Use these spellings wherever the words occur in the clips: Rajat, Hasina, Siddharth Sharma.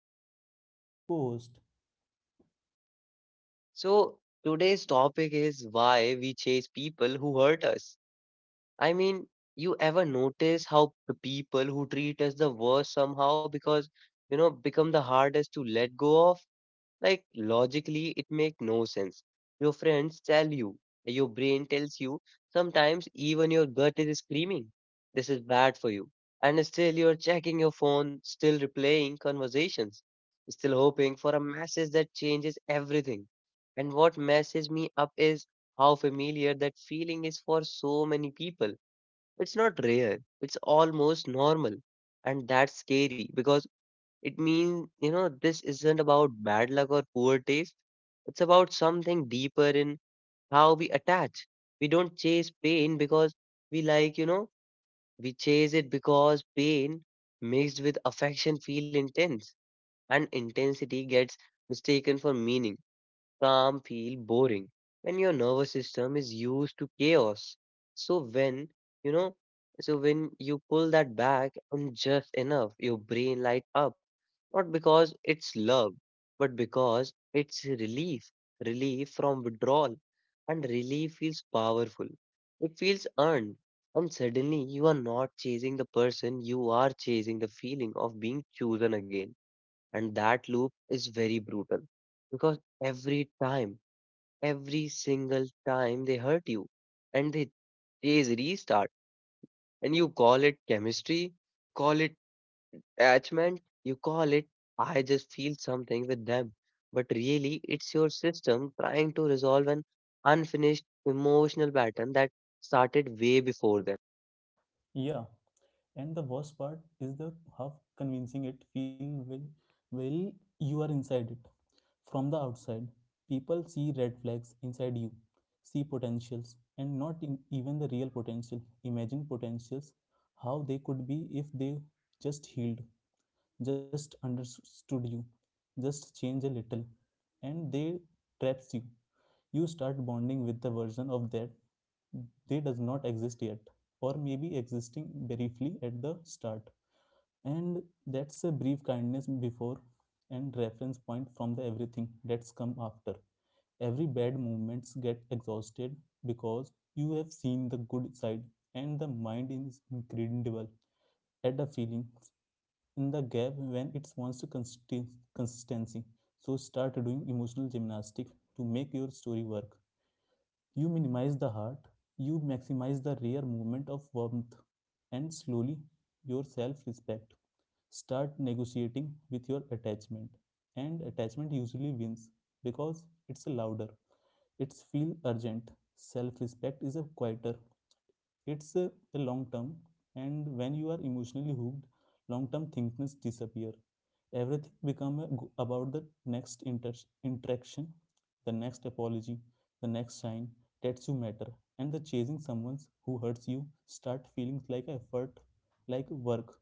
Sharma, your co-host. So today's topic is why we chase people who hurt us. I mean, you ever notice how the people who treat us the worst somehow because you know become the hardest to let go of? Like logically, it makes no sense. Your friends tell you, your brain tells you, sometimes even your gut is screaming, this is bad for you. And still you're checking your phone, still replaying conversations, still hoping for a message that changes everything. And what messes me up is how familiar that feeling is for so many people. It's not rare, it's almost normal. And that's scary because it means, this isn't about bad luck or poor taste. It's about something deeper in how we attach. We don't chase pain because we like, you know, we chase it because pain mixed with affection feel intense and intensity gets mistaken for meaning. Calm feel boring when your nervous system is used to chaos. So when, you know, so when you pull that back and just enough, your brain light up. Not because it's love, but because it's relief, relief from withdrawal. And relief feels powerful. It feels earned. And suddenly you are not chasing the person, you are chasing the feeling of being chosen again. And that loop is very brutal because every time, every single time they hurt you and they is restart and you call it chemistry, call it attachment, you call it I just feel something with them. But really, it's your system trying to resolve an unfinished emotional pattern that started way before them. Yeah, and the worst part is the half convincing it feel well you are inside it. From the outside, people see red flags inside you, see potentials, and not in, even the real potential. Imagine potentials, how they could be if they just healed, just understood you, just change a little, and they traps you. You start bonding with the version of that they does not exist yet, or maybe existing briefly at the start, and that's a brief kindness before and reference point from the everything that's come after. Every bad movements get exhausted because you have seen the good side, and the mind is incredible at the feelings in the gap when it wants to consistency. So start doing emotional gymnastics to make your story work. You minimize the heart, you maximize the rare movement of warmth, and slowly your self respect. Start negotiating with your attachment, and attachment usually wins because it's louder, it's feel urgent. Self respect is a quieter, it's a, long term. And when you are emotionally hooked, long term thinkness disappear, everything become about the next interaction, the next apology, the next sign that you matter. And the chasing someone who hurts you start feeling like effort, like work,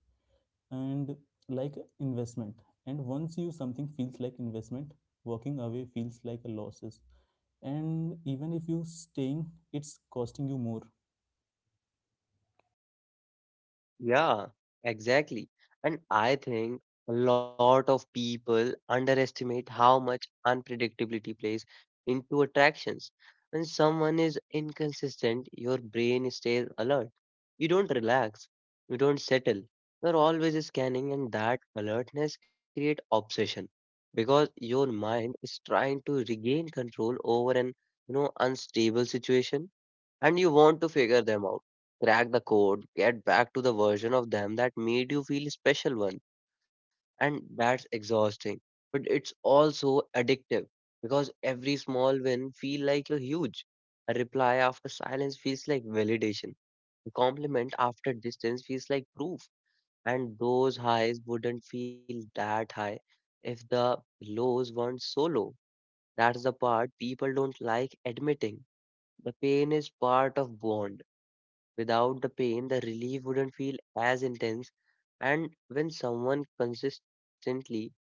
and like investment. And once you something feels like investment, walking away feels like a losses. And even if you staying, it's costing you more. Yeah, exactly. And I think a lot of people underestimate how much unpredictability plays into attractions. When someone is inconsistent, your brain stays alert. You don't relax, you don't settle. You're always scanning, and that alertness creates obsession because your mind is trying to regain control over an, unstable situation and you want to figure them out. Crack the code, get back to the version of them that made you feel special one. And that's exhausting. But it's also addictive because every small win feel like a huge. A reply after silence feels like validation. A compliment after distance feels like proof. And those highs wouldn't feel that high if the lows weren't so low. That's the part people don't like admitting. The pain is part of bond. Without the pain, the relief wouldn't feel as intense. And when someone consistently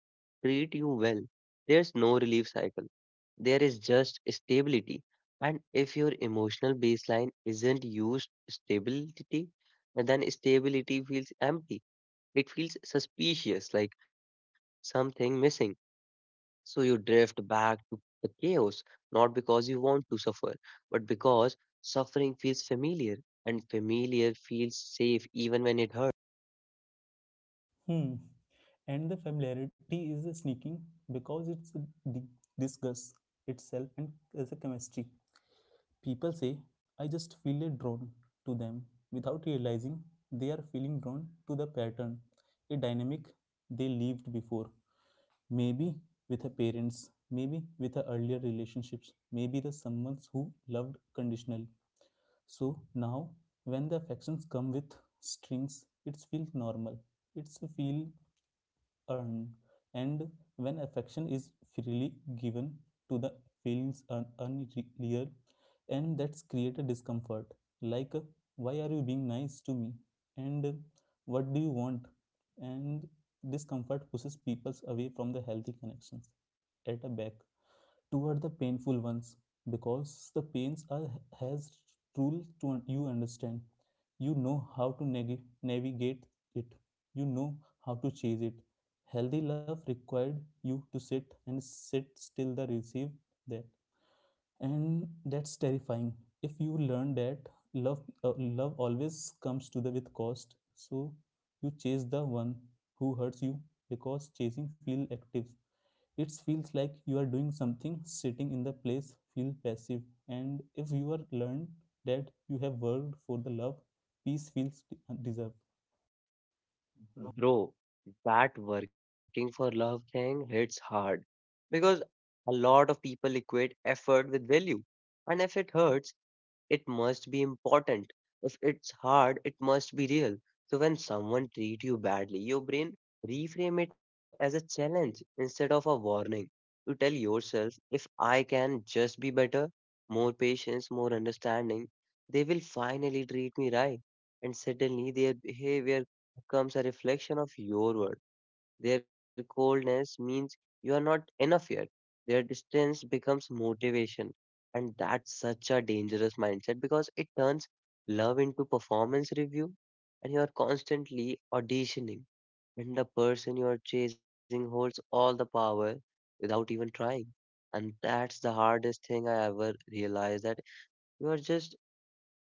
treat you well, there's no relief cycle. There is just stability. And if your emotional baseline isn't used stability, then stability feels empty. It feels suspicious, like something missing. So you drift back to the chaos, not because you want to suffer, but because suffering feels familiar and familiar feels safe even when it hurts. Hmm. And the familiarity is sneaking because it's di- itself and as a chemistry. People say, I just feel a drawn to them without realizing they are feeling drawn to the pattern, a dynamic they lived before. Maybe with her parents, maybe with her earlier relationships, maybe the someone who loved conditionally. So now, when the affections come with strings, it feels normal. It's feel earned. And when affection is freely given to the feelings are unreal, and that's create a discomfort. Like, why are you being nice to me? And what do you want? And discomfort pushes people away from the healthy connections. At a back, toward the painful ones because the pains are has rule to you understand, you know how to navigate it, you know how to chase it. Healthy love required you to sit and sit still the receive that, and that's terrifying. If you learn that love always comes to the with cost, so you chase the one who hurts you because chasing feel active, it feels like you are doing something, sitting in the place feel passive. And if you are learned that you have worked for the love, peace feels deserved. Bro, that working for love thing hits hard because a lot of people equate effort with value. And if it hurts, it must be important. If it's hard, it must be real. So when someone treat you badly, your brain reframe it as a challenge instead of a warning. You tell yourself, if I can just be better, more patience, more understanding, they will finally treat me right. And suddenly their behavior becomes a reflection of your worth, their coldness means you are not enough yet. Their distance becomes motivation. And that's such a dangerous mindset because it turns love into performance review and you are constantly auditioning. And the person you are chasing holds all the power without even trying. And that's the hardest thing I ever realized, that you are just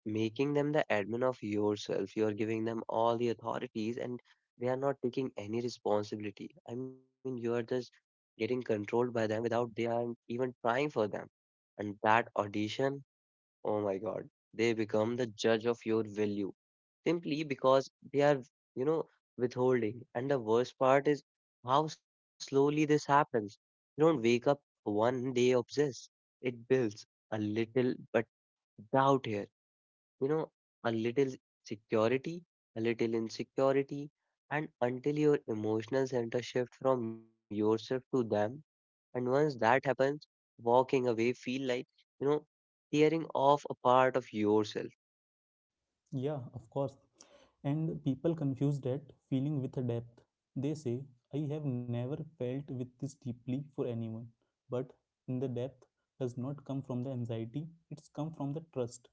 making them the admin of yourself. You're giving them all the authorities and they are not taking any responsibility. I mean, you are just getting controlled by them without they are even trying for them. And that audition, oh my God, they become the judge of your value simply because they are, you know, withholding. And the worst part is how slowly this happens. You don't wake up one day obsessed. It builds a little, but doubt here. You know, a little security, a little insecurity, and until your emotional center shift from yourself to them. And once that happens, walking away feel like, you know, tearing off a part of yourself. Yeah, of course. And people confuse that feeling with a depth. They say, I have never felt with this deeply for anyone. But in the depth does not come from the anxiety, it's come from the trust.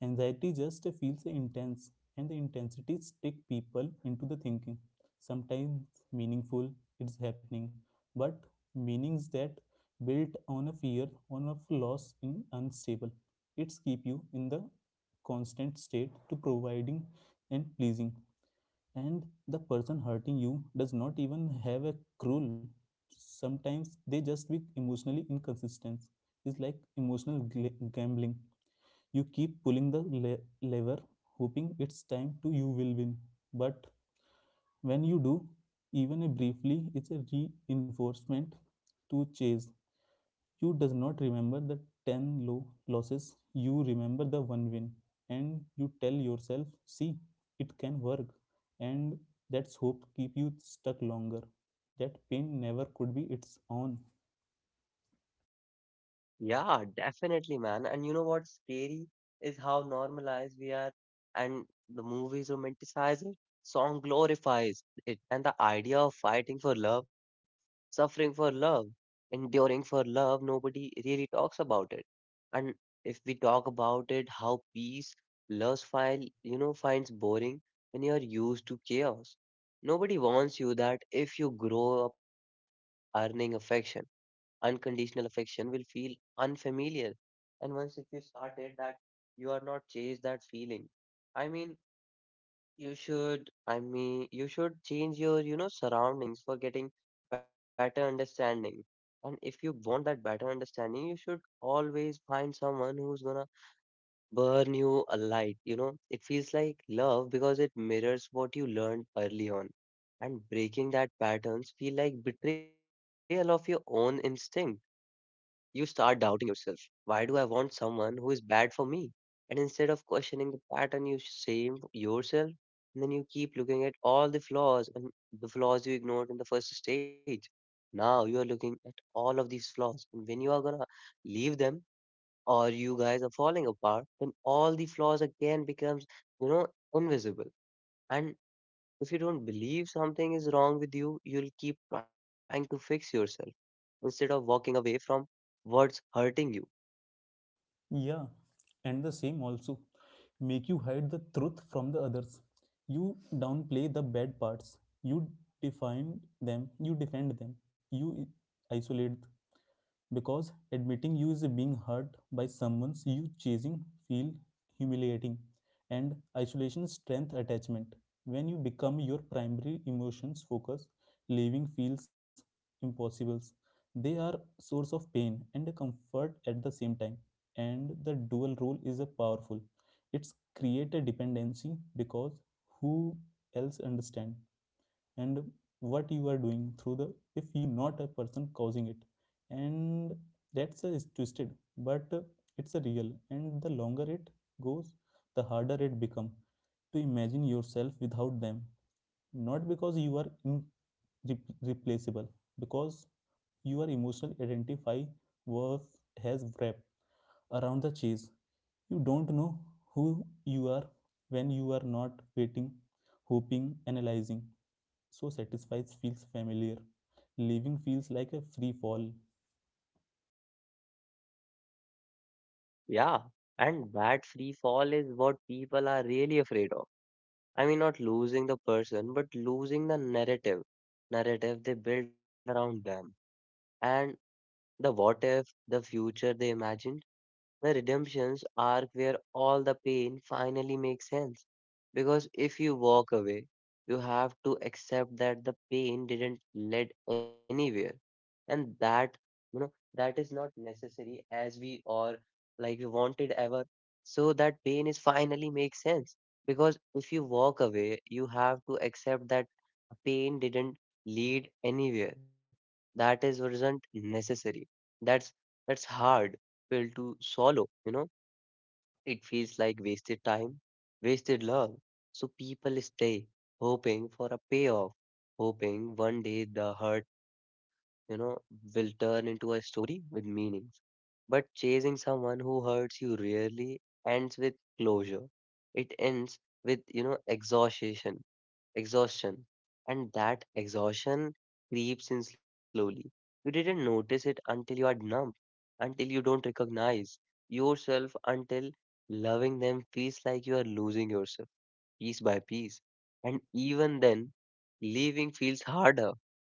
Anxiety just feels intense, and the intensity stick people into the thinking. Sometimes meaningful, it's happening, but meanings that built on a fear, on a loss in unstable. It's keep you in the constant state to providing and pleasing. And the person hurting you does not even have a cruel, sometimes they just be emotionally inconsistent. It's like emotional gambling. You keep pulling the lever, hoping it's time to you will win. But when you do, even a briefly, it's a reinforcement to chase. You does not remember the 10 low losses, you remember the one win. And you tell yourself, see, it can work. And that's hope keep you stuck longer. That pain never could be its own. Yeah, definitely, man. And you know what's scary is how normalized we are, and the movies romanticize it, song glorifies it, and the idea of fighting for love, suffering for love, enduring for love, nobody really talks about it. And if we talk about it, how peace loves file, finds boring when you are used to chaos. Nobody wants you that if you grow up earning affection, unconditional affection will feel unfamiliar. And once if you started that, you are not chase that feeling. I mean, you should, I mean, you should change your, surroundings for getting better understanding. And if you want that better understanding, you should always find someone who's gonna burn you a light. You know, it feels like love because it mirrors what you learned early on. And breaking that patterns feel like betrayal of your own instinct, you start doubting yourself. Why do I want someone who is bad for me? And instead of questioning the pattern, you shame yourself. And then you keep looking at all the flaws and the flaws you ignored in the first stage. Now you are looking at all of these flaws. And when you are gonna leave them or you guys are falling apart, then all the flaws again becomes, you know, invisible. And if you don't believe something is wrong with you, you'll keep trying to fix yourself instead of walking away from what's hurting you. Yeah, and the same also make you hide the truth from the others. You downplay the bad parts. You define them. You defend them. You isolate because admitting you is being hurt by someone you chasing feel humiliating. And isolation strength attachment. When you become your primary emotions focus, leaving feels impossible. They are source of pain and comfort at the same time, and the dual role is a powerful. It's create a dependency because who else understand and what you are doing through the if you not a person causing it. And that's a twisted, but it's a real. And the longer it goes, the harder it become to imagine yourself without them, not because you are in replaceable, because your emotional identify was has wrapped around the cheese. You don't know who you are when you are not waiting, hoping, analyzing. So satisfied feels familiar. Living feels like a free fall. Yeah, and that free fall is what people are really afraid of. I mean, not losing the person, but losing the narrative, narrative they build around them, and the what if, the future they imagine. The redemptions arc where all the pain finally makes sense. Because if you walk away, you have to accept that the pain didn't lead anywhere. And that, you know, that is not necessary as we or like we wanted ever. So that pain is finally makes sense. Because if you walk away, you have to accept that pain didn't lead anywhere. That is wasn't necessary. That's that's hard pill to swallow, you know? It feels like wasted time, wasted love. So people stay, hoping for a payoff, hoping one day the hurt, you know, will turn into a story with meanings. But chasing someone who hurts you rarely ends with closure. It ends with, exhaustion. And that exhaustion creeps in slowly. You didn't notice it until you are numb, until you don't recognize yourself, until loving them feels like you are losing yourself piece by piece. And even then, leaving feels harder,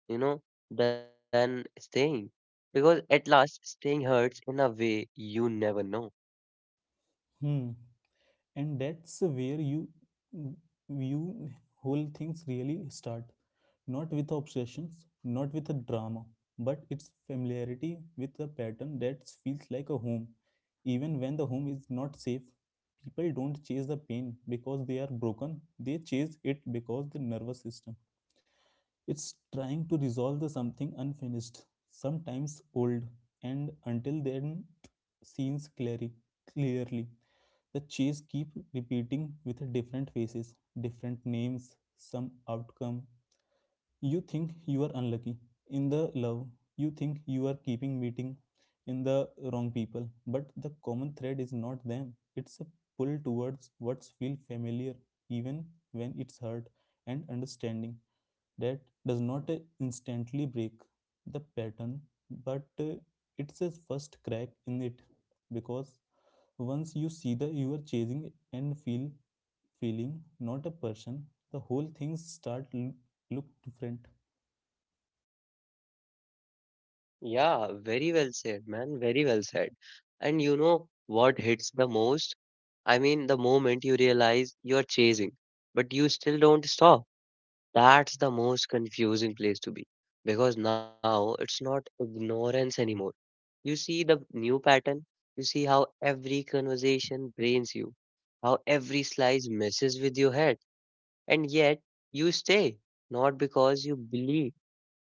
you know, than staying. Because at last, staying hurts in a way you never know. Hmm. And that's where you whole things really start, not with obsessions, not with a drama, but it's familiarity with a pattern that feels like a home even when the home is not safe. People don't chase the pain because they are broken, they chase it because the nervous system it's trying to resolve the something unfinished, sometimes old, and until then seems clearly. The chase keep repeating with different faces, different names, some outcome. You think you are unlucky. In the love, you think you are keeping meeting in the wrong people. But the common thread is not them. It's a pull towards what's feel familiar, even when it's hurt. And understanding that does not instantly break the pattern, but it's a first crack in it. Because once you see that you are chasing and feeling not a person, the whole thing start look different. Yeah, very well said, man. Very well said. And you know what hits the most? I mean, the moment you realize you're chasing, but you still don't stop. That's the most confusing place to be because now it's not ignorance anymore. You see the new pattern, you see how every conversation drains you, how every slice messes with your head, and yet you stay, not because you believe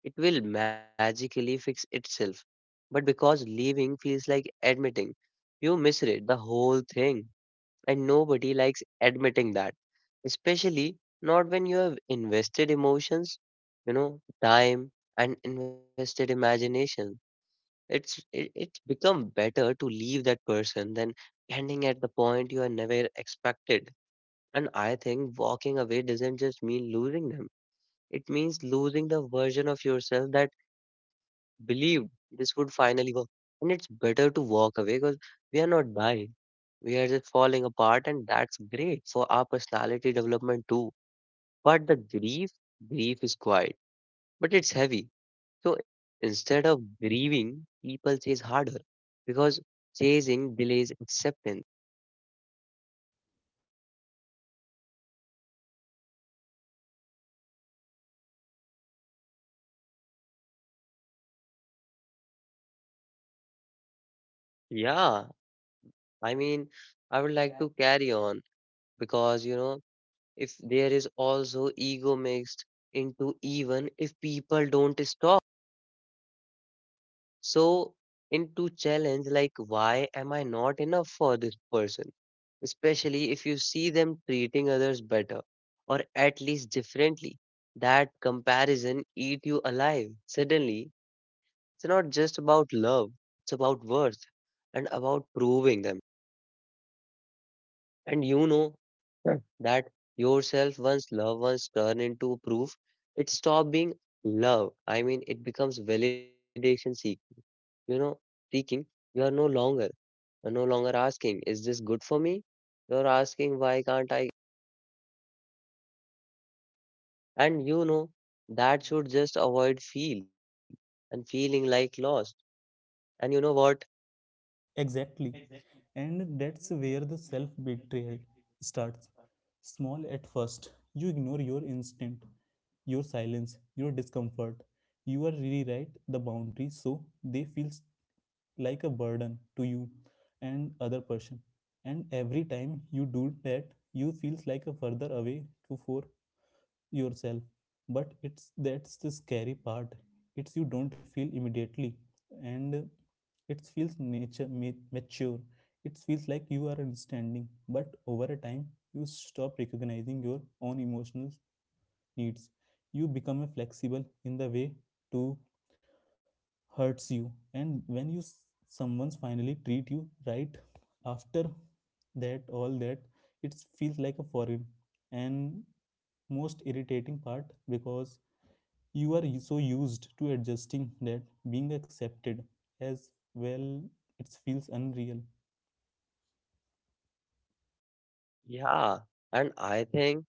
it will magically fix itself. But because leaving feels like admitting, you misread the whole thing, and nobody likes admitting that, especially not when you have invested emotions, time and invested imagination. It's become better to leave that person than ending at the point you are never expected. And I think walking away doesn't just mean losing them. It means losing the version of yourself that believed this would finally work. And it's better to walk away because we are not dying. We are just falling apart, and that's great for our personality development too. But the grief, grief is quiet, but it's heavy. So instead of grieving, people chase harder because chasing delays acceptance. Yeah, and there is always ego mixed into the it. Even if people don't like hearing that's. And yeah, Yeah, I mean I mean, I would I like would to. like to carry on because you know, if there is also ego mixed into even if people don't stop. So into challenge like why am I not enough for this person? Especially if you see them treating others better or at least differently. That comparison eat you alive. Suddenly, it's not just about love, it's about worth and about proving them. And you know. Yeah. That yourself once love once turn into proof, it stop being love. I mean it becomes validation seeking you know seeking you are no longer you no longer asking is this good for me? You're asking why can't I? And that should just avoid feel and feeling like lost and you know what? Exactly. And that's where the self betrayal starts. Small at first, you ignore your instinct, your silence, your discomfort. You are rewrite the boundaries so they feel like a burden to you and other person. And every time you do that, you feels like a further away to for yourself. But it's that's the scary part, it's you don't feel immediately. And it feels nature mature, it feels like you are understanding. But over a time, you stop recognizing your own emotional needs. You become a flexible in the way to hurts you. And when you someone's finally treat you right after that all that, it feels like a foreign and most irritating part because you are so used to adjusting that being accepted as well, it feels unreal. Yeah, and I think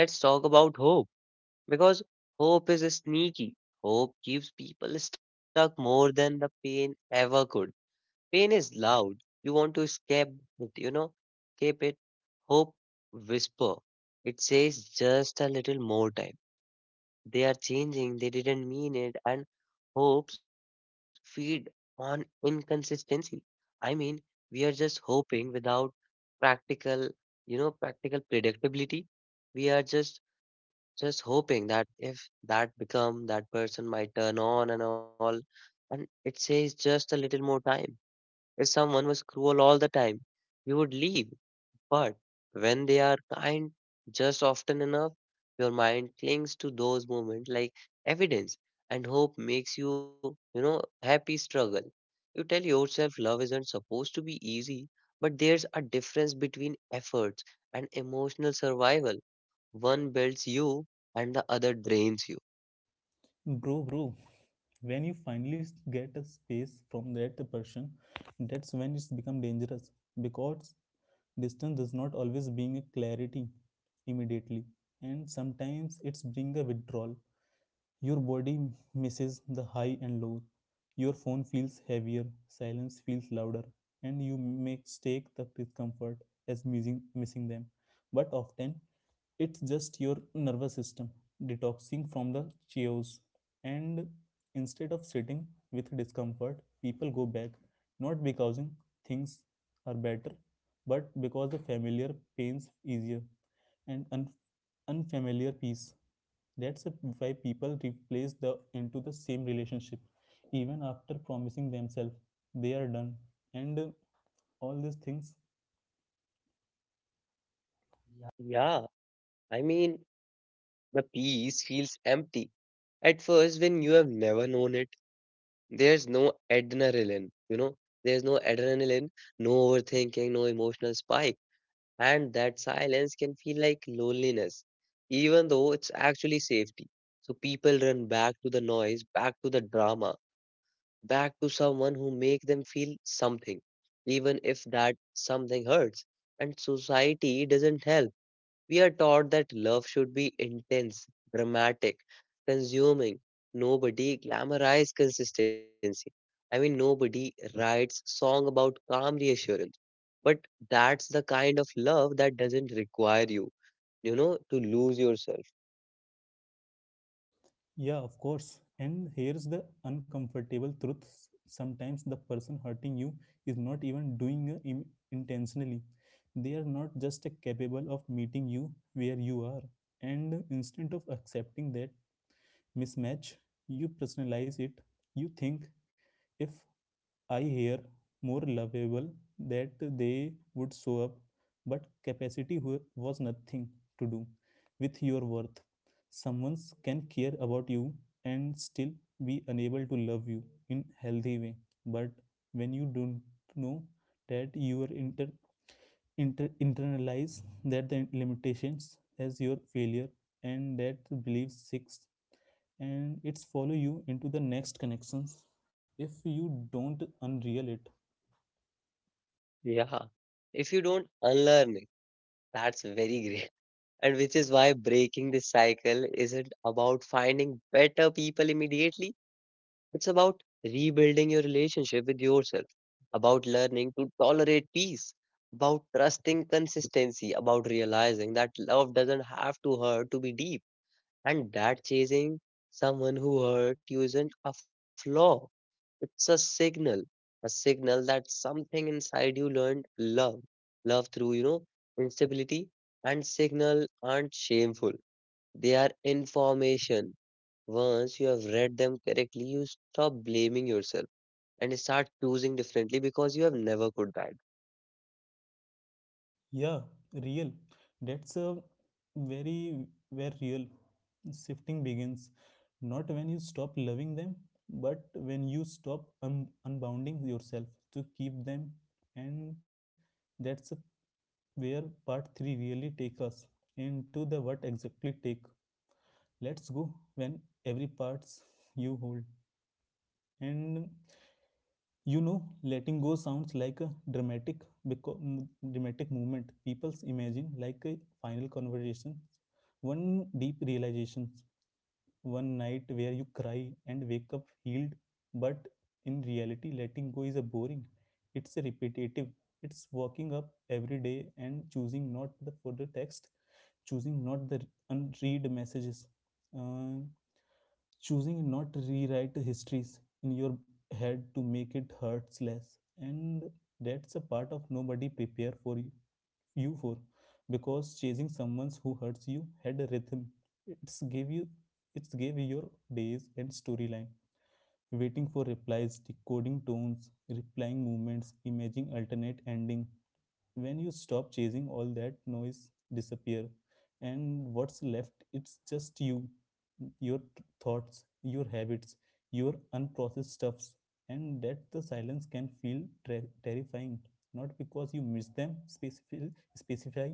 let's talk about hope, because hope is sneaky. Hope keeps people stuck more than the pain ever could. Pain is loud. You want to escape it, you know, escape it. Hope whisper. It says just a little more time. They are changing. They didn't mean it. And hopes feed on inconsistency. I mean, we are just hoping without practical, practical predictability. We are just hoping that if that become that person might turn on and all, and it says just a little more time. If someone was cruel all the time, you would leave. But when they are kind just often enough, your mind clings to those moments like evidence, and hope makes you, happy struggle. You tell yourself love isn't supposed to be easy, but there's a difference between efforts and emotional survival. One builds you and the other drains you. Bro, when you finally get a space from that person, that's when it's become dangerous because distance does not always bring a clarity immediately, and sometimes it's bring a withdrawal. Your body misses the high and low. Your phone feels heavier, silence feels louder, and you mistake the discomfort as missing them. But often, it's just your nervous system detoxing from the chaos. And instead of sitting with discomfort, people go back, not because things are better, but because the familiar pains easier and unfamiliar peace. That's why people replace the into the same relationship, even after promising themselves they are done, and all these things. Yeah, I mean, the peace feels empty at first when you have never known it. There's no adrenaline, you know, there's no adrenaline, no overthinking, no emotional spike. And that silence can feel like loneliness, even though it's actually safety. So people run back to the noise, back to the drama, back to someone who make them feel something, even if that something hurts. And society doesn't help. We are taught that love should be intense, dramatic, consuming. Nobody glamorizes consistency. I mean, nobody writes song about calm reassurance. But that's the kind of love that doesn't require you to lose yourself. Yeah, of course. And here's the uncomfortable truth. Sometimes the person hurting you is not even doing it intentionally. They are not just capable of meeting you where you are. And instead of accepting that mismatch, you personalize it. You think, if I hear more lovable that they would show up, but capacity was nothing to do with your worth. Someone can care about you and still be unable to love you in healthy way. But when you don't know that you are internalize that the limitations as your failure. And that belief six, and it's follow you into the next connections if you don't unreal it. Yeah. If you don't unlearn it, that's very great. And which is why breaking this cycle isn't about finding better people immediately. It's about rebuilding your relationship with yourself, about learning to tolerate peace, about trusting consistency, about realizing that love doesn't have to hurt to be deep, and that chasing someone who hurt you isn't a flaw. It's a signal that something inside you learned love, love through instability, and signal aren't shameful. They are information. Once you have read them correctly, you stop blaming yourself and start choosing differently because you have never could that. Yeah, real. That's a very where real shifting begins. Not when you stop loving them, but when you stop unbounding yourself to keep them. And that's a where part 3 really take us into the what exactly take let's go when every parts you hold. And you know, letting go sounds like a dramatic, beco- dramatic movement. People's imagine like a final conversation, one deep realization, one night where you cry and wake up healed. But in reality, letting go is a boring. It's a repetitive. It's waking up every day and choosing not for the text, choosing not the unread messages, uh, choosing not rewrite histories in your head to make it hurts less, and that's a part of nobody prepare for you for, because chasing someone who hurts you had a rhythm. It's gave you it's gave you your days and storyline, waiting for replies, decoding tones, replying movements, imagining alternate ending. When you stop chasing, all that noise disappear, and what's left, it's just you, your thoughts, your habits, your unprocessed stuffs. And that the silence can feel terrifying, not because you miss them specifically specify,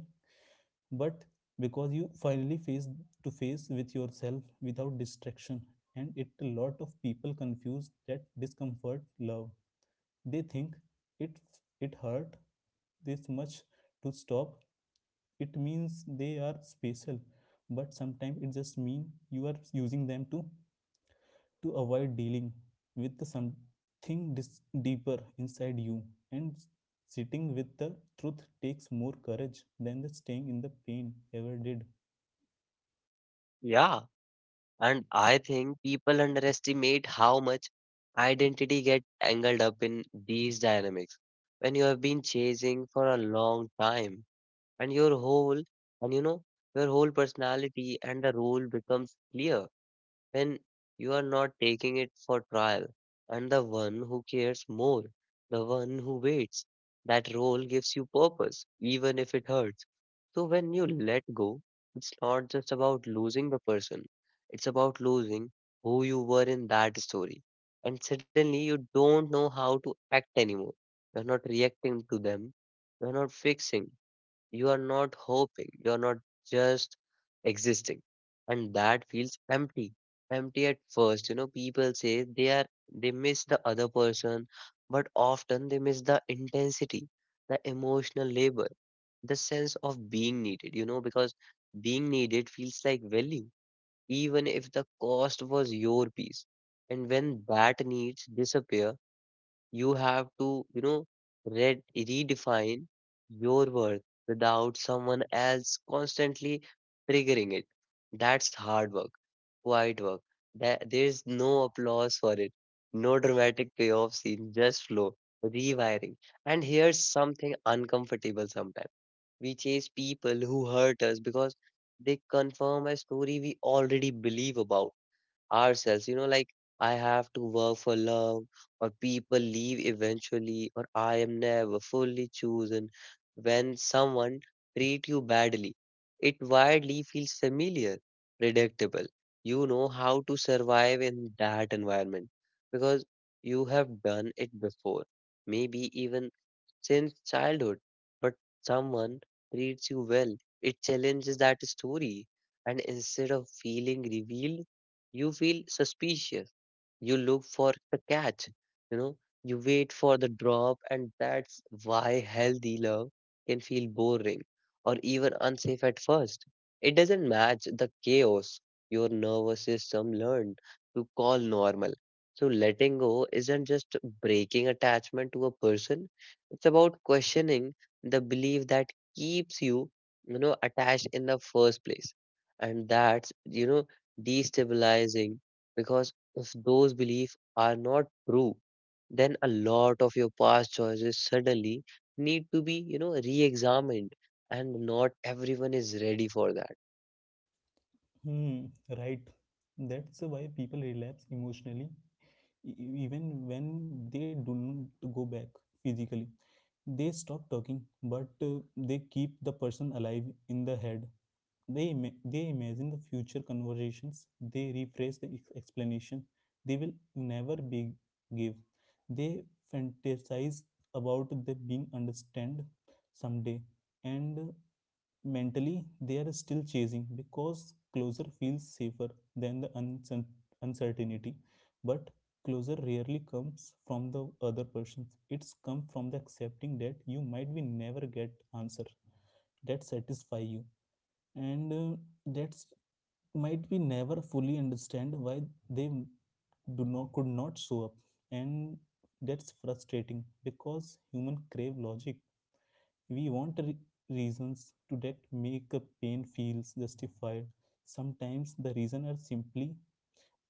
but because you finally face to face with yourself without distraction. And it, a lot of people confuse that discomfort love. They think it it hurt this much to stop, it means they are special. But sometimes it just mean you are using them to avoid dealing with something deeper inside you. And sitting with the truth takes more courage than the staying in the pain ever did. Yeah. And I think people underestimate how much identity get tangled up in these dynamics. When you have been chasing for a long time and and you know your whole personality and the role becomes clear when you are not taking it for trial. And the one who cares more, the one who waits, that role gives you purpose, even if it hurts. So when you let go, it's not just about losing the person, it's about losing who you were in that story. And suddenly you don't know how to act anymore. You're not reacting to them, you're not fixing. You are not hoping, you are not just existing. And that feels empty. Empty at first. You know, people say they miss the other person, but often they miss the intensity, the emotional labor, the sense of being needed, you know, because being needed feels like value, even if the cost was your peace. And when that needs disappear, you have to, redefine your worth without someone else constantly triggering it. That's hard work, quiet work. There's no applause for it, no dramatic payoff scene, just flow, rewiring. And here's something uncomfortable sometimes. We chase people who hurt us because they confirm a story we already believe about ourselves. You know, like I have to work for love, or people leave eventually, or I am never fully chosen. When someone treat you badly, it widely feels familiar, predictable. You know how to survive in that environment because you have done it before. Maybe even since childhood, but someone treats you well. It challenges that story, and instead of feeling revealed, you feel suspicious. You look for the catch, you know, you wait for the drop. And that's why healthy love can feel boring or even unsafe at first. It doesn't match the chaos your nervous system learned to call normal. So letting go isn't just breaking attachment to a person, it's about questioning the belief that keeps you you know attached in the first place. And that's, you know, destabilizing, because if those beliefs are not true, then a lot of your past choices suddenly need to be, you know, re-examined, and not everyone is ready for that. Hmm. Right. That's why people relapse emotionally. Even when they do not go back physically, they stop talking. But they keep the person alive in the head. They imagine the future conversations, they rephrase the explanation they will never be give. They fantasize about the being understand someday. And mentally they are still chasing because closer feels safer than the uncertainty. But closure rarely comes from the other person, it's come from the accepting that you might be never get answer that satisfy you. And that's might be never fully understand why they do not could not show up. And that's frustrating because human crave logic. We want reasons to that make a pain feels justified. Sometimes the reason are simply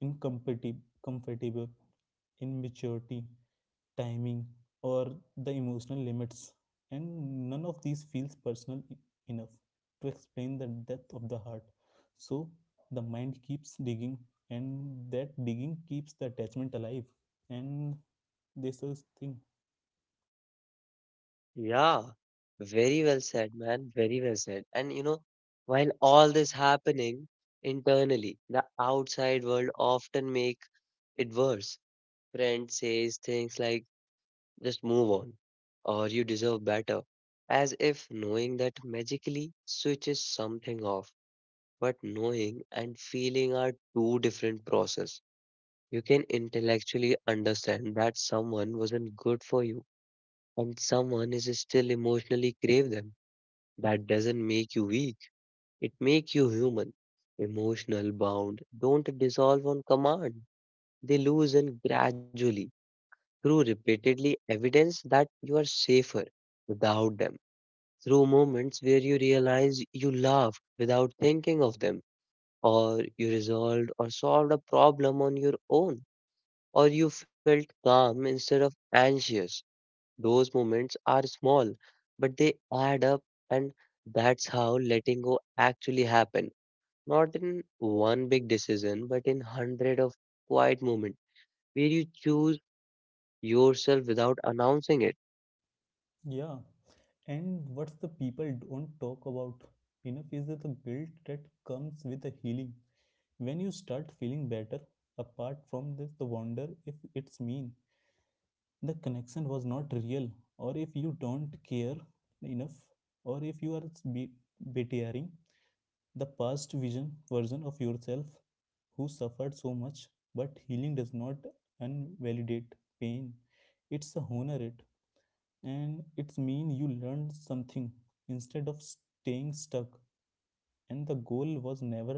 incompatible, comfortable, immaturity, timing, or the emotional limits, and none of these feels personal enough to explain the depth of the heart. So the mind keeps digging, and that digging keeps the attachment alive. And this is thing, Yeah, very well said, man. Very well said. And you know, while all this happening internally, the outside world often make it worse. Friend says things like, "Just move on," or "You deserve better," as if knowing that magically switches something off. But knowing and feeling are two different process. You can intellectually understand that someone wasn't good for you and someone is still emotionally crave them. That doesn't make you weak. It makes you human. Emotional bound don't dissolve on command. They loosen gradually through repeatedly evidence that you are safer without them. Through moments where you realize you laugh without thinking of them, or you resolved or solved a problem on your own, or you felt calm instead of anxious. Those moments are small, but they add up, and that's how letting go actually happen. Not in one big decision, but in hundred of quiet moments where you choose yourself without announcing it. yeah. And what's the people don't talk about enough is that the guilt that comes with the healing. When you start feeling better apart from this, the wonder if it's mean the connection was not real, or if you don't care enough, or if you are be- betraying the past vision version of yourself who suffered so much. But healing does not invalidate pain, it's a honor it, and it's mean you learned something instead of staying stuck. And the goal was never,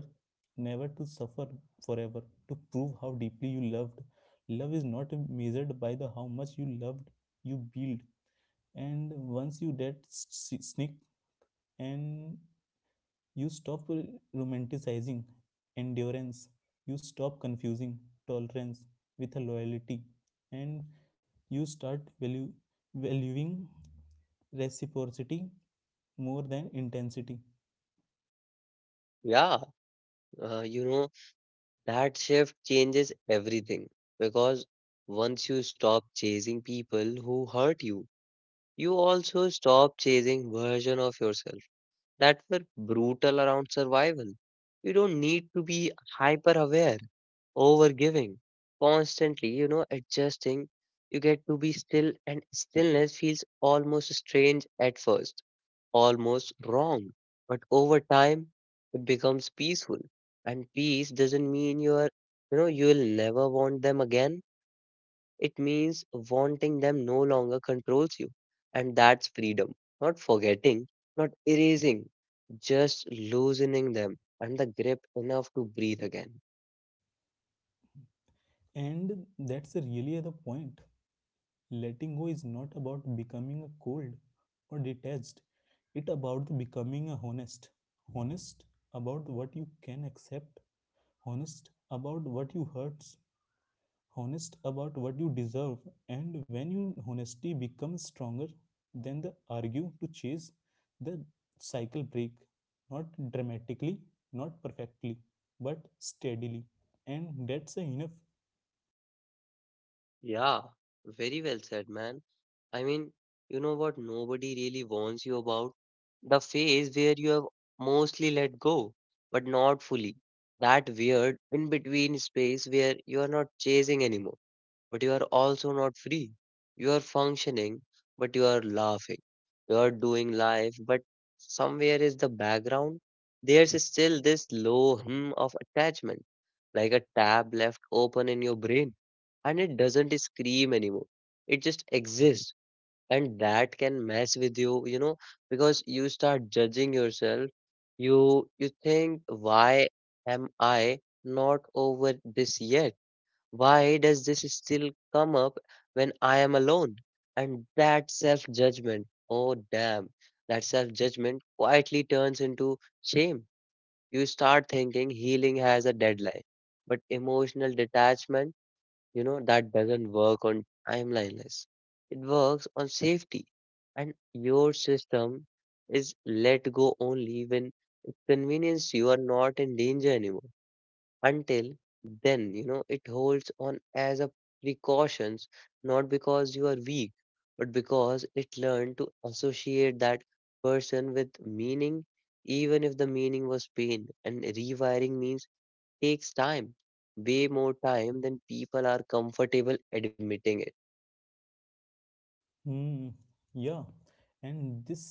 never to suffer forever, to prove how deeply you loved. Love is not measured by the how much you loved, you build. And once you get and you stop romanticizing endurance, you stop confusing tolerance with a loyalty. And you start valuing reciprocity more than intensity. Yeah, you know, that shift changes everything because once you stop chasing people who hurt you, you also stop chasing version of yourself that were brutal around survival. You don't need to be hyper aware, over giving, constantly, you know, adjusting. You get to be still, and stillness feels almost strange at first, almost wrong. But over time it becomes peaceful. And peace doesn't mean you are you know you will never want them again. It means wanting them no longer controls you. And that's freedom. Not forgetting, not erasing, just loosening them and the grip enough to breathe again. And that's really the point. Letting go is not about becoming a cold or detached, it about becoming a honest, honest about what you can accept, honest about what you hurts, honest about what you deserve. And when your honesty becomes stronger than the argue to chase, the cycle break, not dramatically, not perfectly, but steadily, and that's enough. Yeah, very well said, man. I mean, you know what nobody really warns you about? The phase where you have mostly let go, but not fully. That weird in between space where you are not chasing anymore but you are also not free. You are functioning, but you are laughing. You are doing life, but somewhere is the background. There's still this low hum of attachment, like a tab left open in your brain, and it doesn't scream anymore. It just exists, and that can mess with you, you know, because you start judging yourself. You think, why am I not over this yet? Why does this still come up when I am alone? And that self judgment, oh damn, that self judgment quietly turns into shame. You start thinking healing has a deadline, but emotional detachment, you know, that doesn't work on timeliness. It works on safety, and your system is let go only when it convenience you are not in danger anymore. Until then, you know, it holds on as a precautions, not because you are weak, but because it learned to associate that person with meaning, even if the meaning was pain. And rewiring means takes time, way more time than people are comfortable admitting it. Hmm. Yeah. And this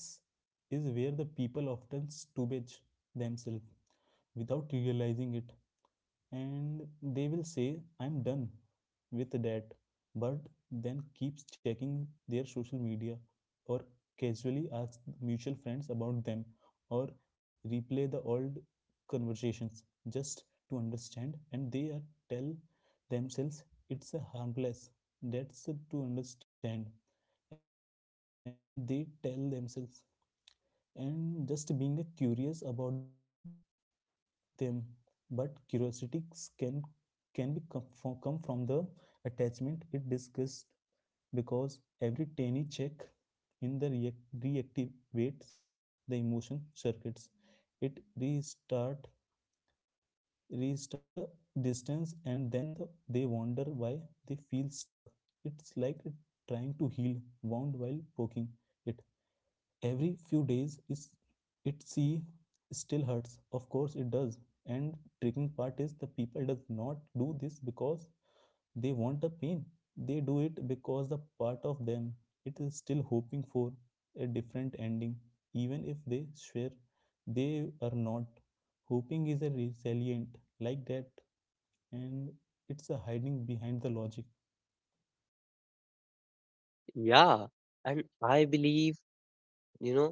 is where the people often stupid themselves without realizing it. And they will say, "I'm done with that," but then keeps checking their social media, or casually ask mutual friends about them, or replay the old conversations just to understand. And they are tell themselves it's a harmless, that's to understand. And they tell themselves and just being curious about them. But curiosity can, come from the attachment it discussed, because every tiny check in the reactivates the emotion circuits. It restart the distance, and then they wonder why they feel stuck. It's like trying to heal wound while poking it every few days is it see still hurts. Of course it does. And tricking part is the people does not do this because they want the pain. They do it because the part of them it is still hoping for a different ending, even if they swear they are not. Hoping is a resilient like that, and it's a hiding behind the logic. Yeah, and I believe, you know,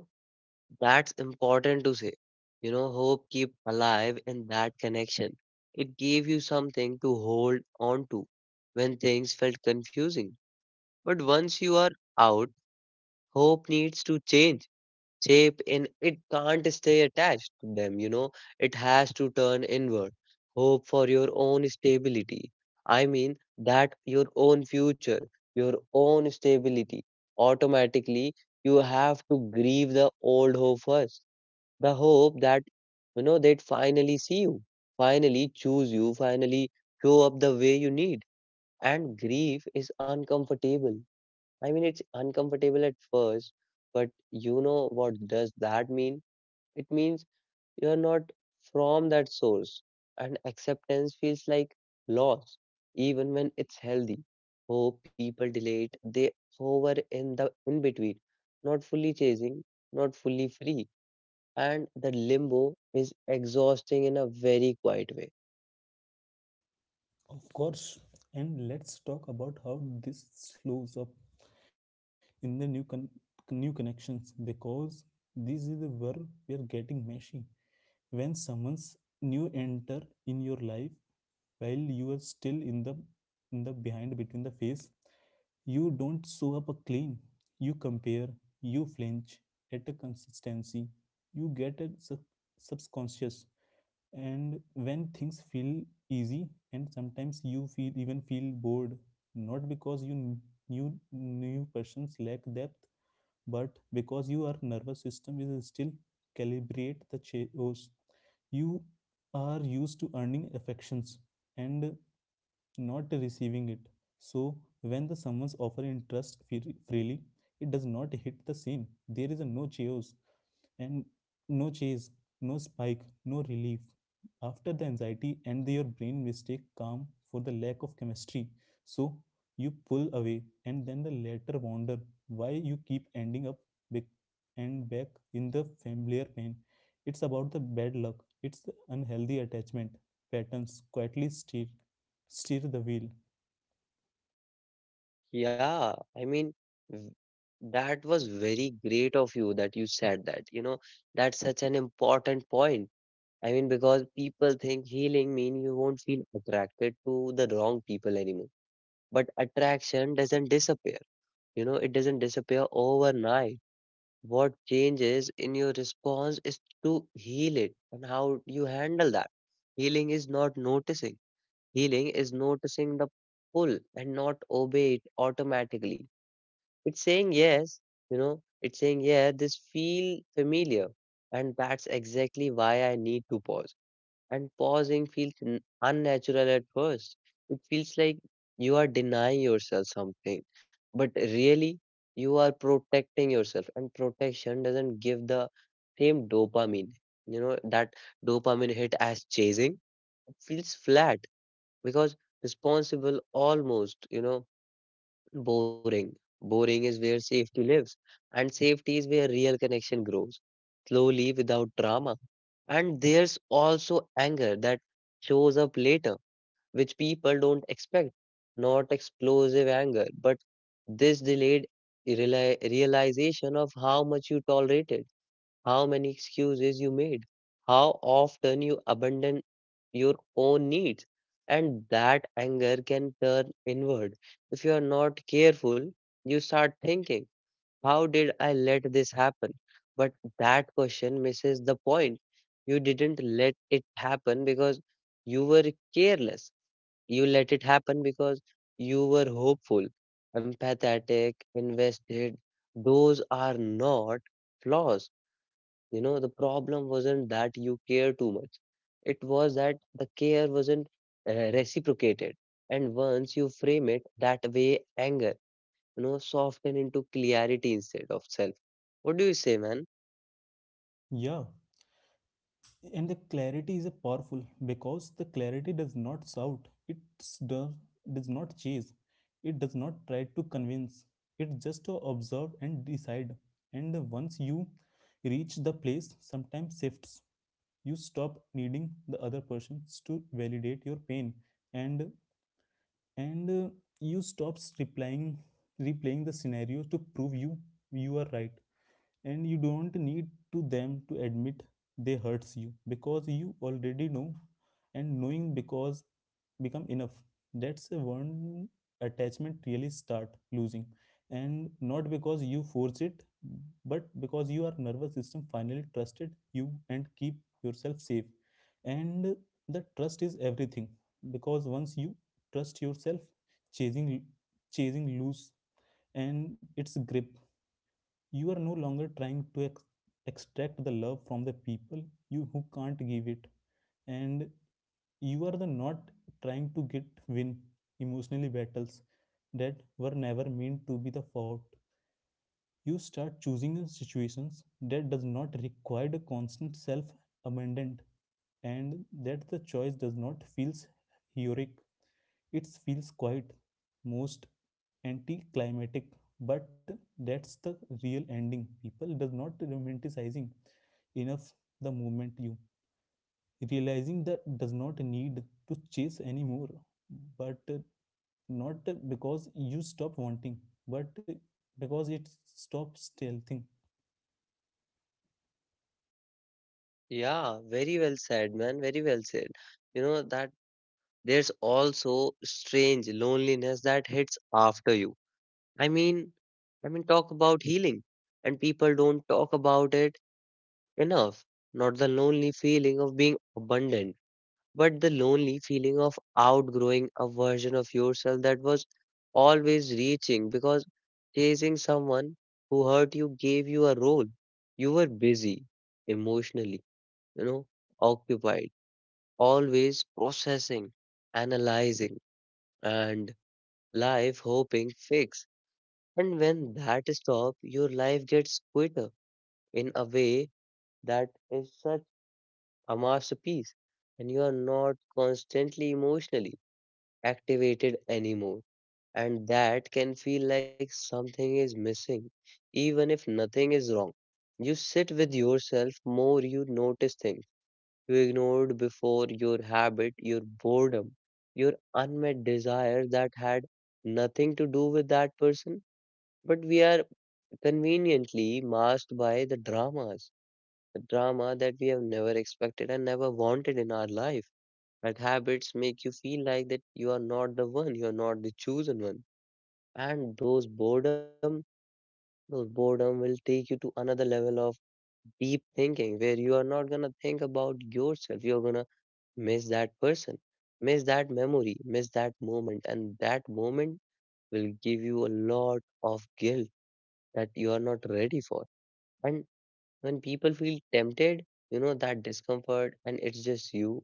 that's important to say. You know, hope keep alive in that connection. It gave you something to hold on to when things felt confusing. But once you are out, hope needs to change shape, and it can't stay attached to them, you know. It has to turn inward. Hope for your own stability. I mean that your own future, your own stability. Automatically, you have to grieve the old hope first, the hope that, you know, they'd finally see you, finally choose you, finally show up the way you need. And grief is uncomfortable. I mean it's uncomfortable at first, but you know what does that mean? It means you're not from that source. And acceptance feels like loss even when it's healthy hope. People delay it. They hover in the in between, not fully chasing, not fully free, and the limbo is exhausting in a very quiet way. Of course, and let's talk about how this slows up in the new connections, because this is where we are getting messy. When someone's new enter in your life while you are still in the, in the behind between the phase, you don't show up a clean. You compare, you flinch at a consistency, you get a subconscious. And when things feel easy, and sometimes you feel even feel bored, not because you knew new persons lack depth, but because your nervous system is still calibrate the chaos. You are used to earning affections and not receiving it. So when the someone's offer interest freely, it does not hit the same. There is a no chaos and no chase, no spike, no relief after the anxiety. And your brain mistake calm for the lack of chemistry. So you pull away, and then the latter wonder why you keep ending up back and back in the familiar pain. It's about the bad luck, it's the unhealthy attachment patterns quietly steer the wheel. Yeah, I mean, v- that was very great of you that you said that. You know, that's such an important point. I mean, because people think healing means you won't feel attracted to the wrong people anymore. But attraction doesn't disappear. You know, it doesn't disappear overnight. What changes in your response is to heal it and how you handle that. Healing is not noticing Healing is noticing the pull and not obey it automatically. It's saying yes, you know, it's saying, yeah, this feel familiar. And that's exactly why I need to pause. And pausing feels unnatural at first. It feels like you are denying yourself something. But really, you are protecting yourself. And protection doesn't give the same dopamine. You know, that dopamine hit as chasing feels flat because responsible almost boring, boring is where safety lives, and safety is where real connection grows slowly without drama. And there's also anger that shows up later, which people don't expect. Not explosive anger, but this delayed realization of how much you tolerated, how many excuses you made, how often you abandoned your own needs. And that anger can turn inward. If you are not careful, you start thinking, how did I let this happen? But that question misses the point. You didn't let it happen because you were careless. You let it happen because you were hopeful, empathetic, invested. Those are not flaws. The problem wasn't that you care too much. It was that the care wasn't reciprocated. And once you frame it that way, anger, soften into clarity instead of self. What do you say, man? Yeah, and the clarity is a powerful, because the clarity does not shout. Does, does not chase, it does not try to convince, it just to observe and decide. And once you reach the place, sometimes shifts. You stop needing the other persons to validate your pain, and and uh, you stops replying replaying the scenario to prove you are right. And you don't need to them to admit they hurts you, because you already know. And knowing because become enough. That's when attachment really start losing, and not because you force it, but because your nervous system finally trusted you and keep yourself safe. And the trust is everything, because once you trust yourself, chasing chasing loose and its grip. You are no longer trying to extract the love from the people you who can't give it, and you are the not trying to get win emotionally battles that were never meant to be the fought. You start choosing situations that does not require the constant self amendment, and that the choice does not feels heroic, it feels quite most anticlimactic. But that's the real ending people does not romanticizing enough, the moment you realizing that does not need to chase anymore. But not because you stop wanting, but because it stops stealthing. Yeah, very well said, man. Very well said. You know, that there's also strange loneliness that hits after you. I mean, I mean, talk about healing, and people don't talk about it enough. Not the lonely feeling of being abundant, but the lonely feeling of outgrowing a version of yourself that was always reaching, because chasing someone who hurt you gave you a role. You were busy emotionally, you know, occupied, always processing, analyzing, and life hoping fix. And when that stops, your life gets quitter in a way that is such a masterpiece, and you are not constantly emotionally activated anymore. And that can feel like something is missing, even if nothing is wrong. You sit with yourself more, you notice things you ignored before: your habit, your boredom, your unmet desire that had nothing to do with that person. But we are conveniently masked by the dramas, the drama that we have never expected and never wanted in our life, but habits make you feel like that you are not the one, you are not the chosen one. And those boredom will take you to another level of deep thinking where you are not gonna think about yourself. You're gonna miss that person, miss that memory, miss that moment, and that moment will give you a lot of guilt that you are not ready for. And when people feel tempted, you know that discomfort and it's just you,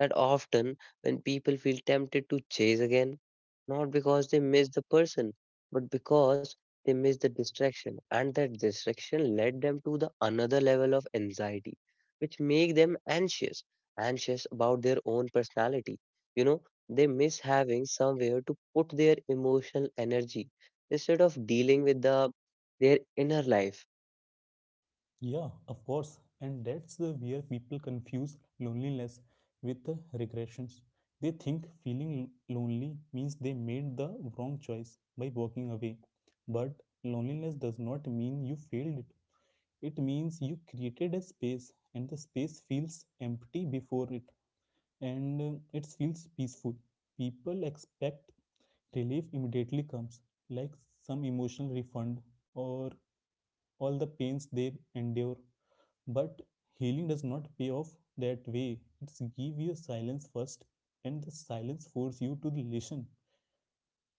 that often when people feel tempted to chase again, not because they miss the person, but because they miss the distraction, and that distraction led them to the another level of anxiety, which make them anxious, anxious about their own personality. You know, they miss having somewhere to put their emotional energy instead of dealing with the their inner life. Yeah, of course. And that's the where people confuse loneliness with regressions. They think feeling lonely means they made the wrong choice by walking away, but loneliness does not mean you failed it. It means you created a space, and the space feels empty before it. And it feels peaceful. People expect relief immediately comes, like some emotional refund or all the pains they endure. But healing does not pay off that way. It's give you silence first, and the silence force you to listen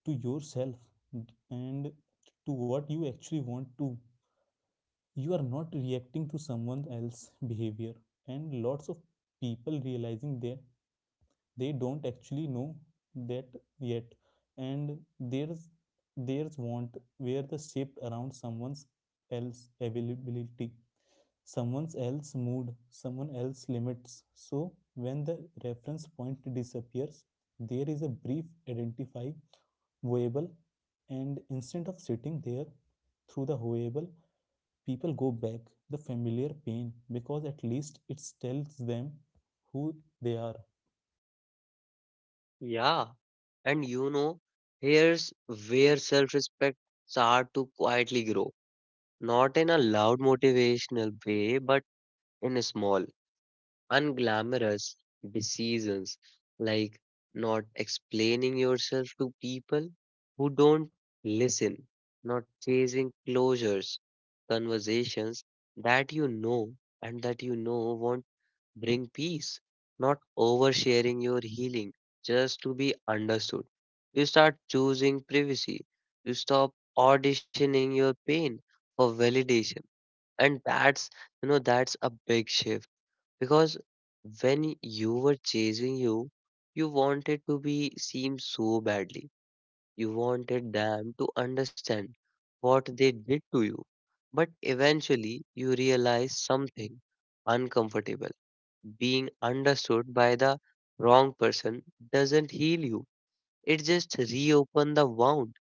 to yourself and to what you actually want to. You are not reacting to someone else's behavior, and lots of people realizing that they don't actually know that yet. And theirs, there's want where the shaped around someone's else availability, someone's else mood, someone else limits. So when the reference point disappears, there is a brief identifiable. And instead of sitting there through the horrible, people go back the familiar pain, because at least it tells them who they are. Yeah, and you know, here's where self-respect start to quietly grow, not in a loud motivational way, but in a small, unglamorous decisions, like not explaining yourself to people who don't listen, not chasing closures, conversations that you know and that you know won't bring peace, not oversharing your healing just to be understood. You start choosing privacy. You stop auditioning your pain for validation. And that's, you know, that's a big shift, because when you were chasing you, you wanted to be seen so badly. You wanted them to understand what they did to you. But eventually, you realize something uncomfortable: being understood by the wrong person doesn't heal you. It just reopen the wound,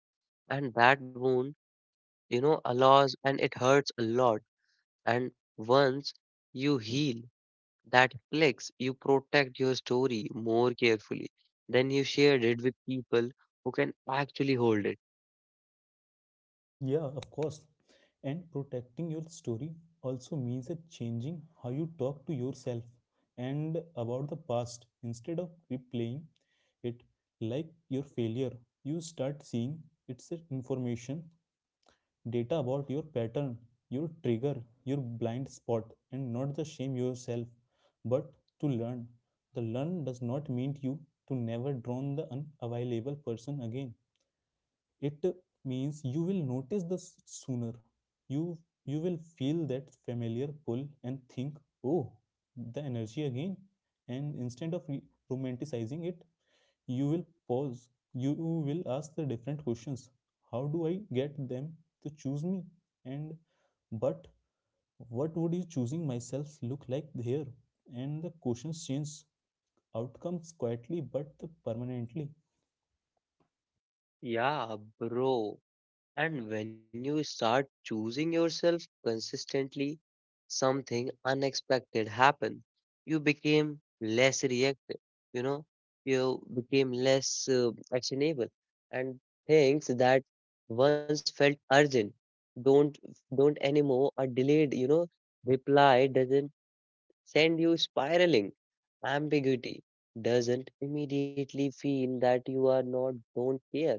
and that wound, you know, allows and it hurts a lot. And once you heal that flex, you protect your story more carefully. Then you shared it with people who can actually hold it. Yeah, of course. And protecting your story also means that changing how you talk to yourself and about the past. Instead of replaying it like your failure, you start seeing it's a information, data about your pattern, your trigger, your blind spot, and not the shame yourself, but to learn. The learn does not mean you to never drown the unavailable person again, it means you will notice this sooner. you you will feel that familiar pull and think, oh, the energy again. And instead of romanticizing it, you will pause, you will ask the different questions. How do I get them to choose me? And but what would you choosing myself look like here? And the questions change outcomes quietly but permanently. Yeah, bro. And when you start choosing yourself consistently, something unexpected happened. You became less reactive, you know, you became less actionable, and things that once felt urgent don't don't anymore are delayed. You know, reply doesn't send you spiraling. Ambiguity doesn't immediately feel that you are not don't care,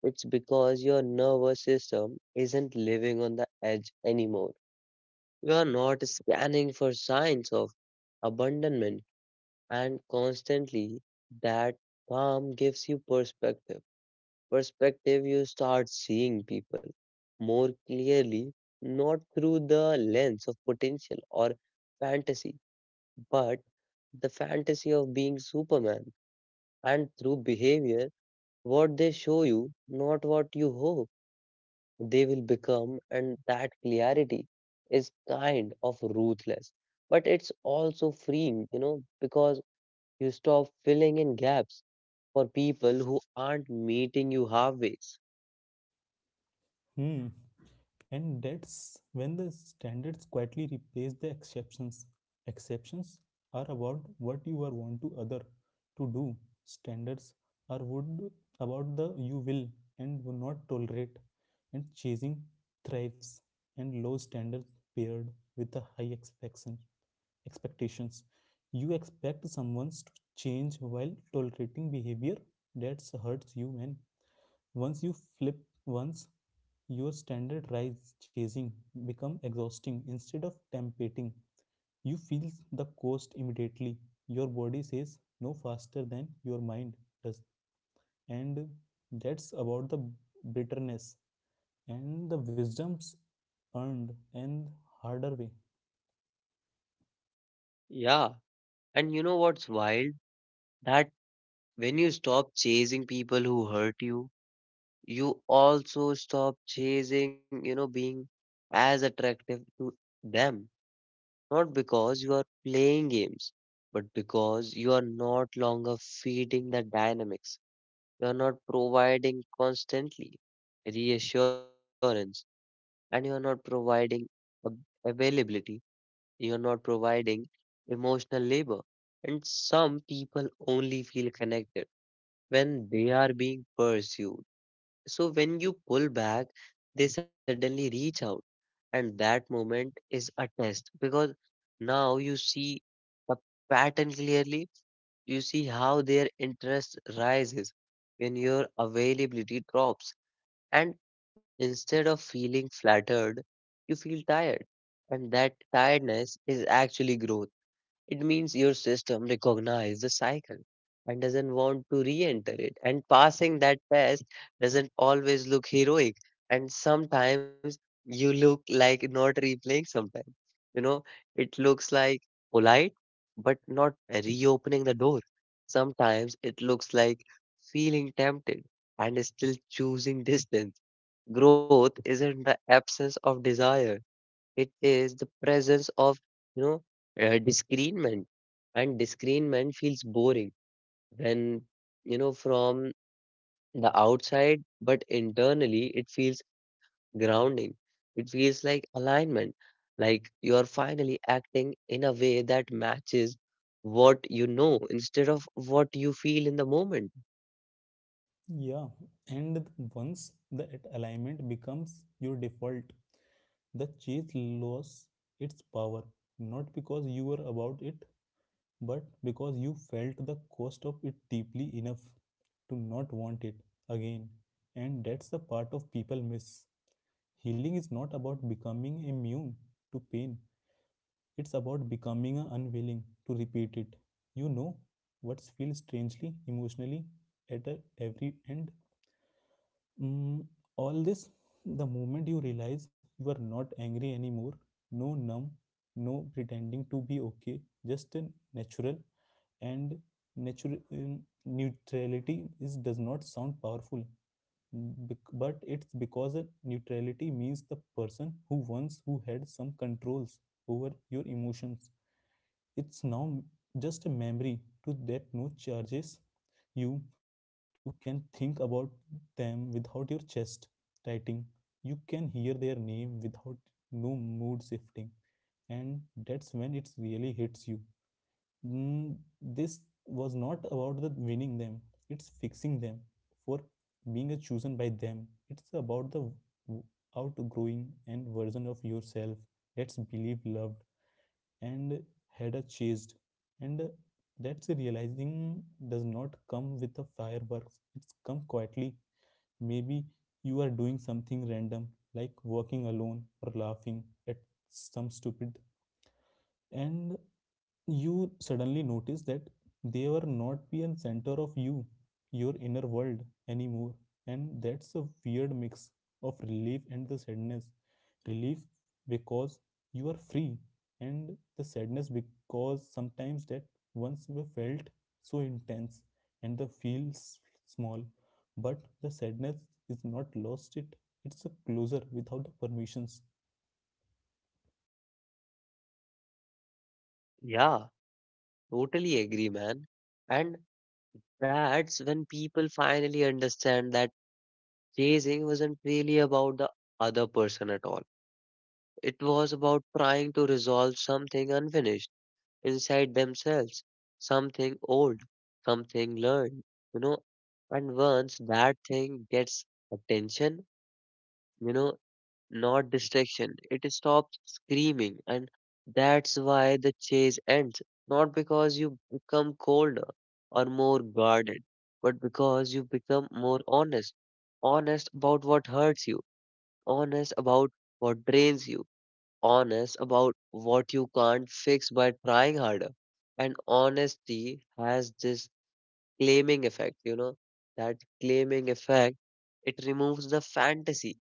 it's because your nervous system isn't living on the edge anymore. You are not scanning for signs of abandonment, and constantly that calm gives you perspective. Perspective, you start seeing people more clearly, not through the lens of potential or fantasy, but the fantasy of being Superman, and through behavior, what they show you, not what you hope they will become, and that clarity is kind of ruthless, but it's also freeing, you know, because you stop filling in gaps for people who aren't meeting you halfway. Hmm. And that's when the standards quietly replace the exceptions. Exceptions are about what you are want to other to do. Standards are would about the you will and will not tolerate. And chasing thrives and low standards paired with the high expectations. You expect someone to change while tolerating behavior that hurts you. And once you flip once, your standard rise, chasing become exhausting instead of tempting. You feel the cost immediately. Your body says no faster than your mind does. And that's about the bitterness and the wisdoms earned and harder way. Yeah, and you know what's wild? That when you stop chasing people who hurt you, you also stop chasing, you know, being as attractive to them. Not because you are playing games, but because you are not longer feeding the dynamics. You are not providing constantly reassurance, and you are not providing ab- availability. You are not providing emotional labor. And some people only feel connected when they are being pursued. So when you pull back, they suddenly reach out. And that moment is a test, because now you see a pattern clearly. You see how their interest rises when your availability drops. And instead of feeling flattered, you feel tired. And that tiredness is actually growth. It means your system recognizes the cycle and doesn't want to re enter it. And passing that test doesn't always look heroic. And sometimes you look like not replaying sometimes. You know, it looks like polite, but not reopening the door. Sometimes it looks like feeling tempted and still choosing distance. Growth isn't the absence of desire, it is the presence of, you know, discernment. And discernment feels boring when, you know, from the outside, but internally it feels grounding. It feels like alignment, like you are finally acting in a way that matches what you know instead of what you feel in the moment. Yeah. And once that alignment becomes your default, the chase loses its power. Not because you were about it, but because you felt the cost of it deeply enough to not want it again. And that's the part of people miss. Healing is not about becoming immune to pain, it's about becoming unwilling to repeat it. You know what feels strangely emotionally at every end. Mm, all this, the moment you realize you are not angry anymore, no numb, no pretending to be okay, just a natural. And nature neutrality is does not sound powerful, but it's because neutrality means the person who once who had some controls over your emotions, it's now just a memory to that no charges you to can think about them without your chest tightening. You can hear their name without no mood shifting. And that's when it really hits you. Mm, this was not about the winning them. It's fixing them for being chosen by them. It's about the outgrowing and version of yourself that's believed, loved, and had a chased. And that's realizing does not come with a fireworks. It's come quietly. Maybe you are doing something random like walking alone or laughing at some stupid, and you suddenly notice that they were not be a center of you, your inner world anymore. And that's a weird mix of relief and the sadness. Relief because you are free, and the sadness because sometimes that once you felt so intense and the feels small. But the sadness is not lost it, it's a closer without the permissions. Yeah, totally agree, man. And that's when people finally understand that. Chasing wasn't really about the other person at all. It was about trying to resolve something unfinished inside themselves, something old, something learned, you know. And once that thing gets attention, you know, not distraction, it stops screaming. And that's why the chase ends. Not because you become colder or more guarded, but because you become more honest: honest about what hurts you, honest about what drains you, honest about what you can't fix by trying harder. And honesty has this claiming effect, you know, that claiming effect, it removes the fantasy,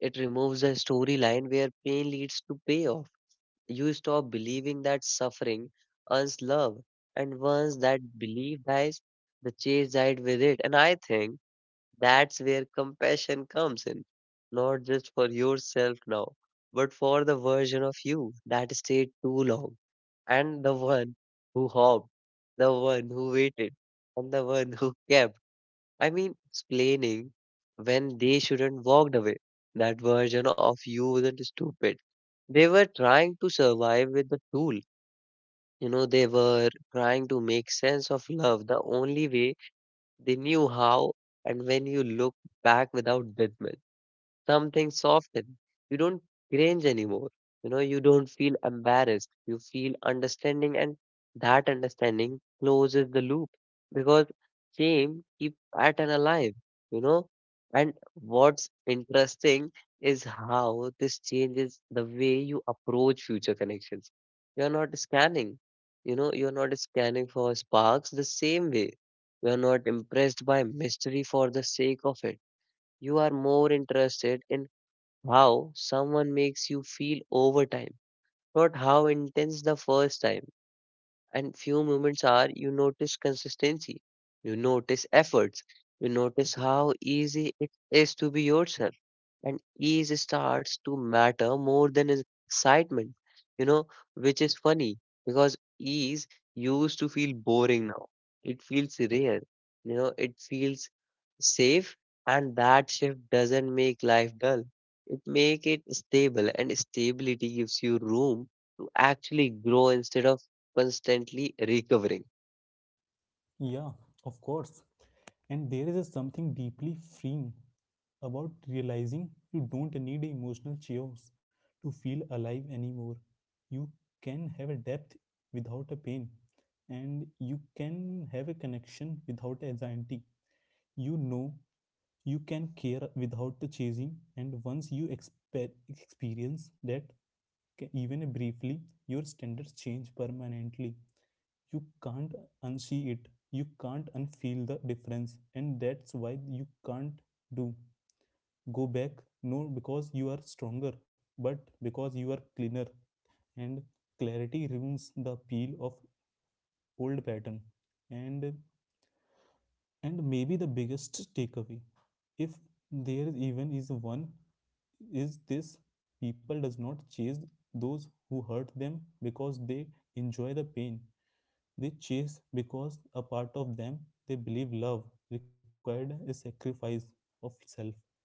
it removes the storyline where pain leads to payoff. You stop believing that suffering earns love, and once that belief dies, the chase died with it. And I think that's where compassion comes in, not just for yourself now, but for the version of you that stayed too long, and the one who hopped, the one who waited, and the one who kept. I mean, explaining when they shouldn't walked away. That version of you wasn't stupid. They were trying to survive with the tool. You know, they were trying to make sense of love the only way they knew how, and when you look back without judgment, something soften. You don't cringe anymore. You know, you don't feel embarrassed. You feel understanding, and that understanding closes the loop because shame keeps pattern alive, you know. And what's interesting is how this changes the way you approach future connections. You're not scanning, you know, you're not scanning for sparks the same way. You're not impressed by mystery for the sake of it. You are more interested in how someone makes you feel over time, not how intense the first time. And few moments are you notice consistency, you notice efforts, you notice how easy it is to be yourself. And ease starts to matter more than excitement, you know, which is funny because ease used to feel boring now. It feels rare, you know, it feels safe, and that shift doesn't make life dull. It make it stable, and stability gives you room to actually grow instead of constantly recovering. Yeah, of course. And there is a something deeply freeing about realizing you don't need emotional chaos to feel alive anymore. You can have a depth without a pain, and you can have a connection without anxiety. You know, you can care without chasing. And once you experience that even briefly, your standards change permanently. You can't unsee it, you can't unfeel the difference. And that's why you can't do go back, no because you are stronger, but because you are cleaner. And clarity ruins the appeal of old pattern. and and maybe the biggest takeaway, if there is even is one, is this. People does not chase those who hurt them because they enjoy the pain. They chase because a part of them they believe love required a sacrifice of self.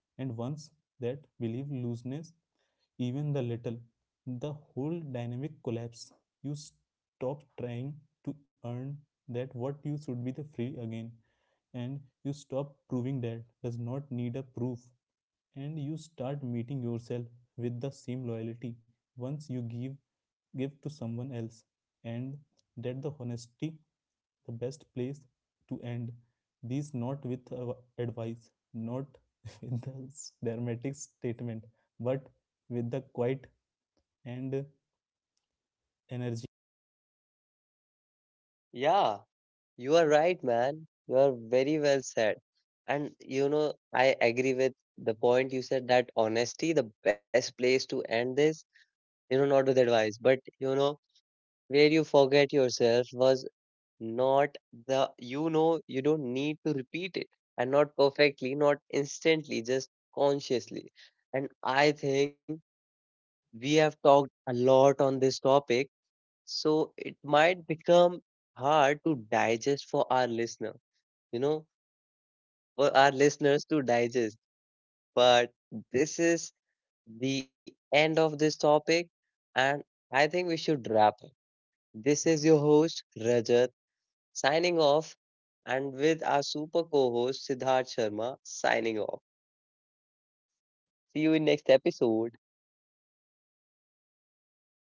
And once that belief looseness even the little, the whole dynamic collapse. You stop trying to earn that what you should be the free again, and you stop proving that does not need a proof. And you start meeting yourself with the same loyalty once you give to someone else. And that the honesty, the best place to end these, not with advice, not with the dramatic statement, but with the quiet and energy. Yeah, you are right, man. You are very well said. And you know, I agree with the point you said that honesty, the best place to end this, you know, not with advice, but you know, where you forget yourself was not the, you know, you don't need to repeat it and not perfectly, not instantly, just consciously. And I think we have talked a lot on this topic, so it might become hard to digest for our listener, you know, for our listeners to digest. But this is the end of this topic, and I think we should wrap it. This is your host, Rajat, signing off, and with our super co host, Siddharth Sharma, signing off. See you in next episode.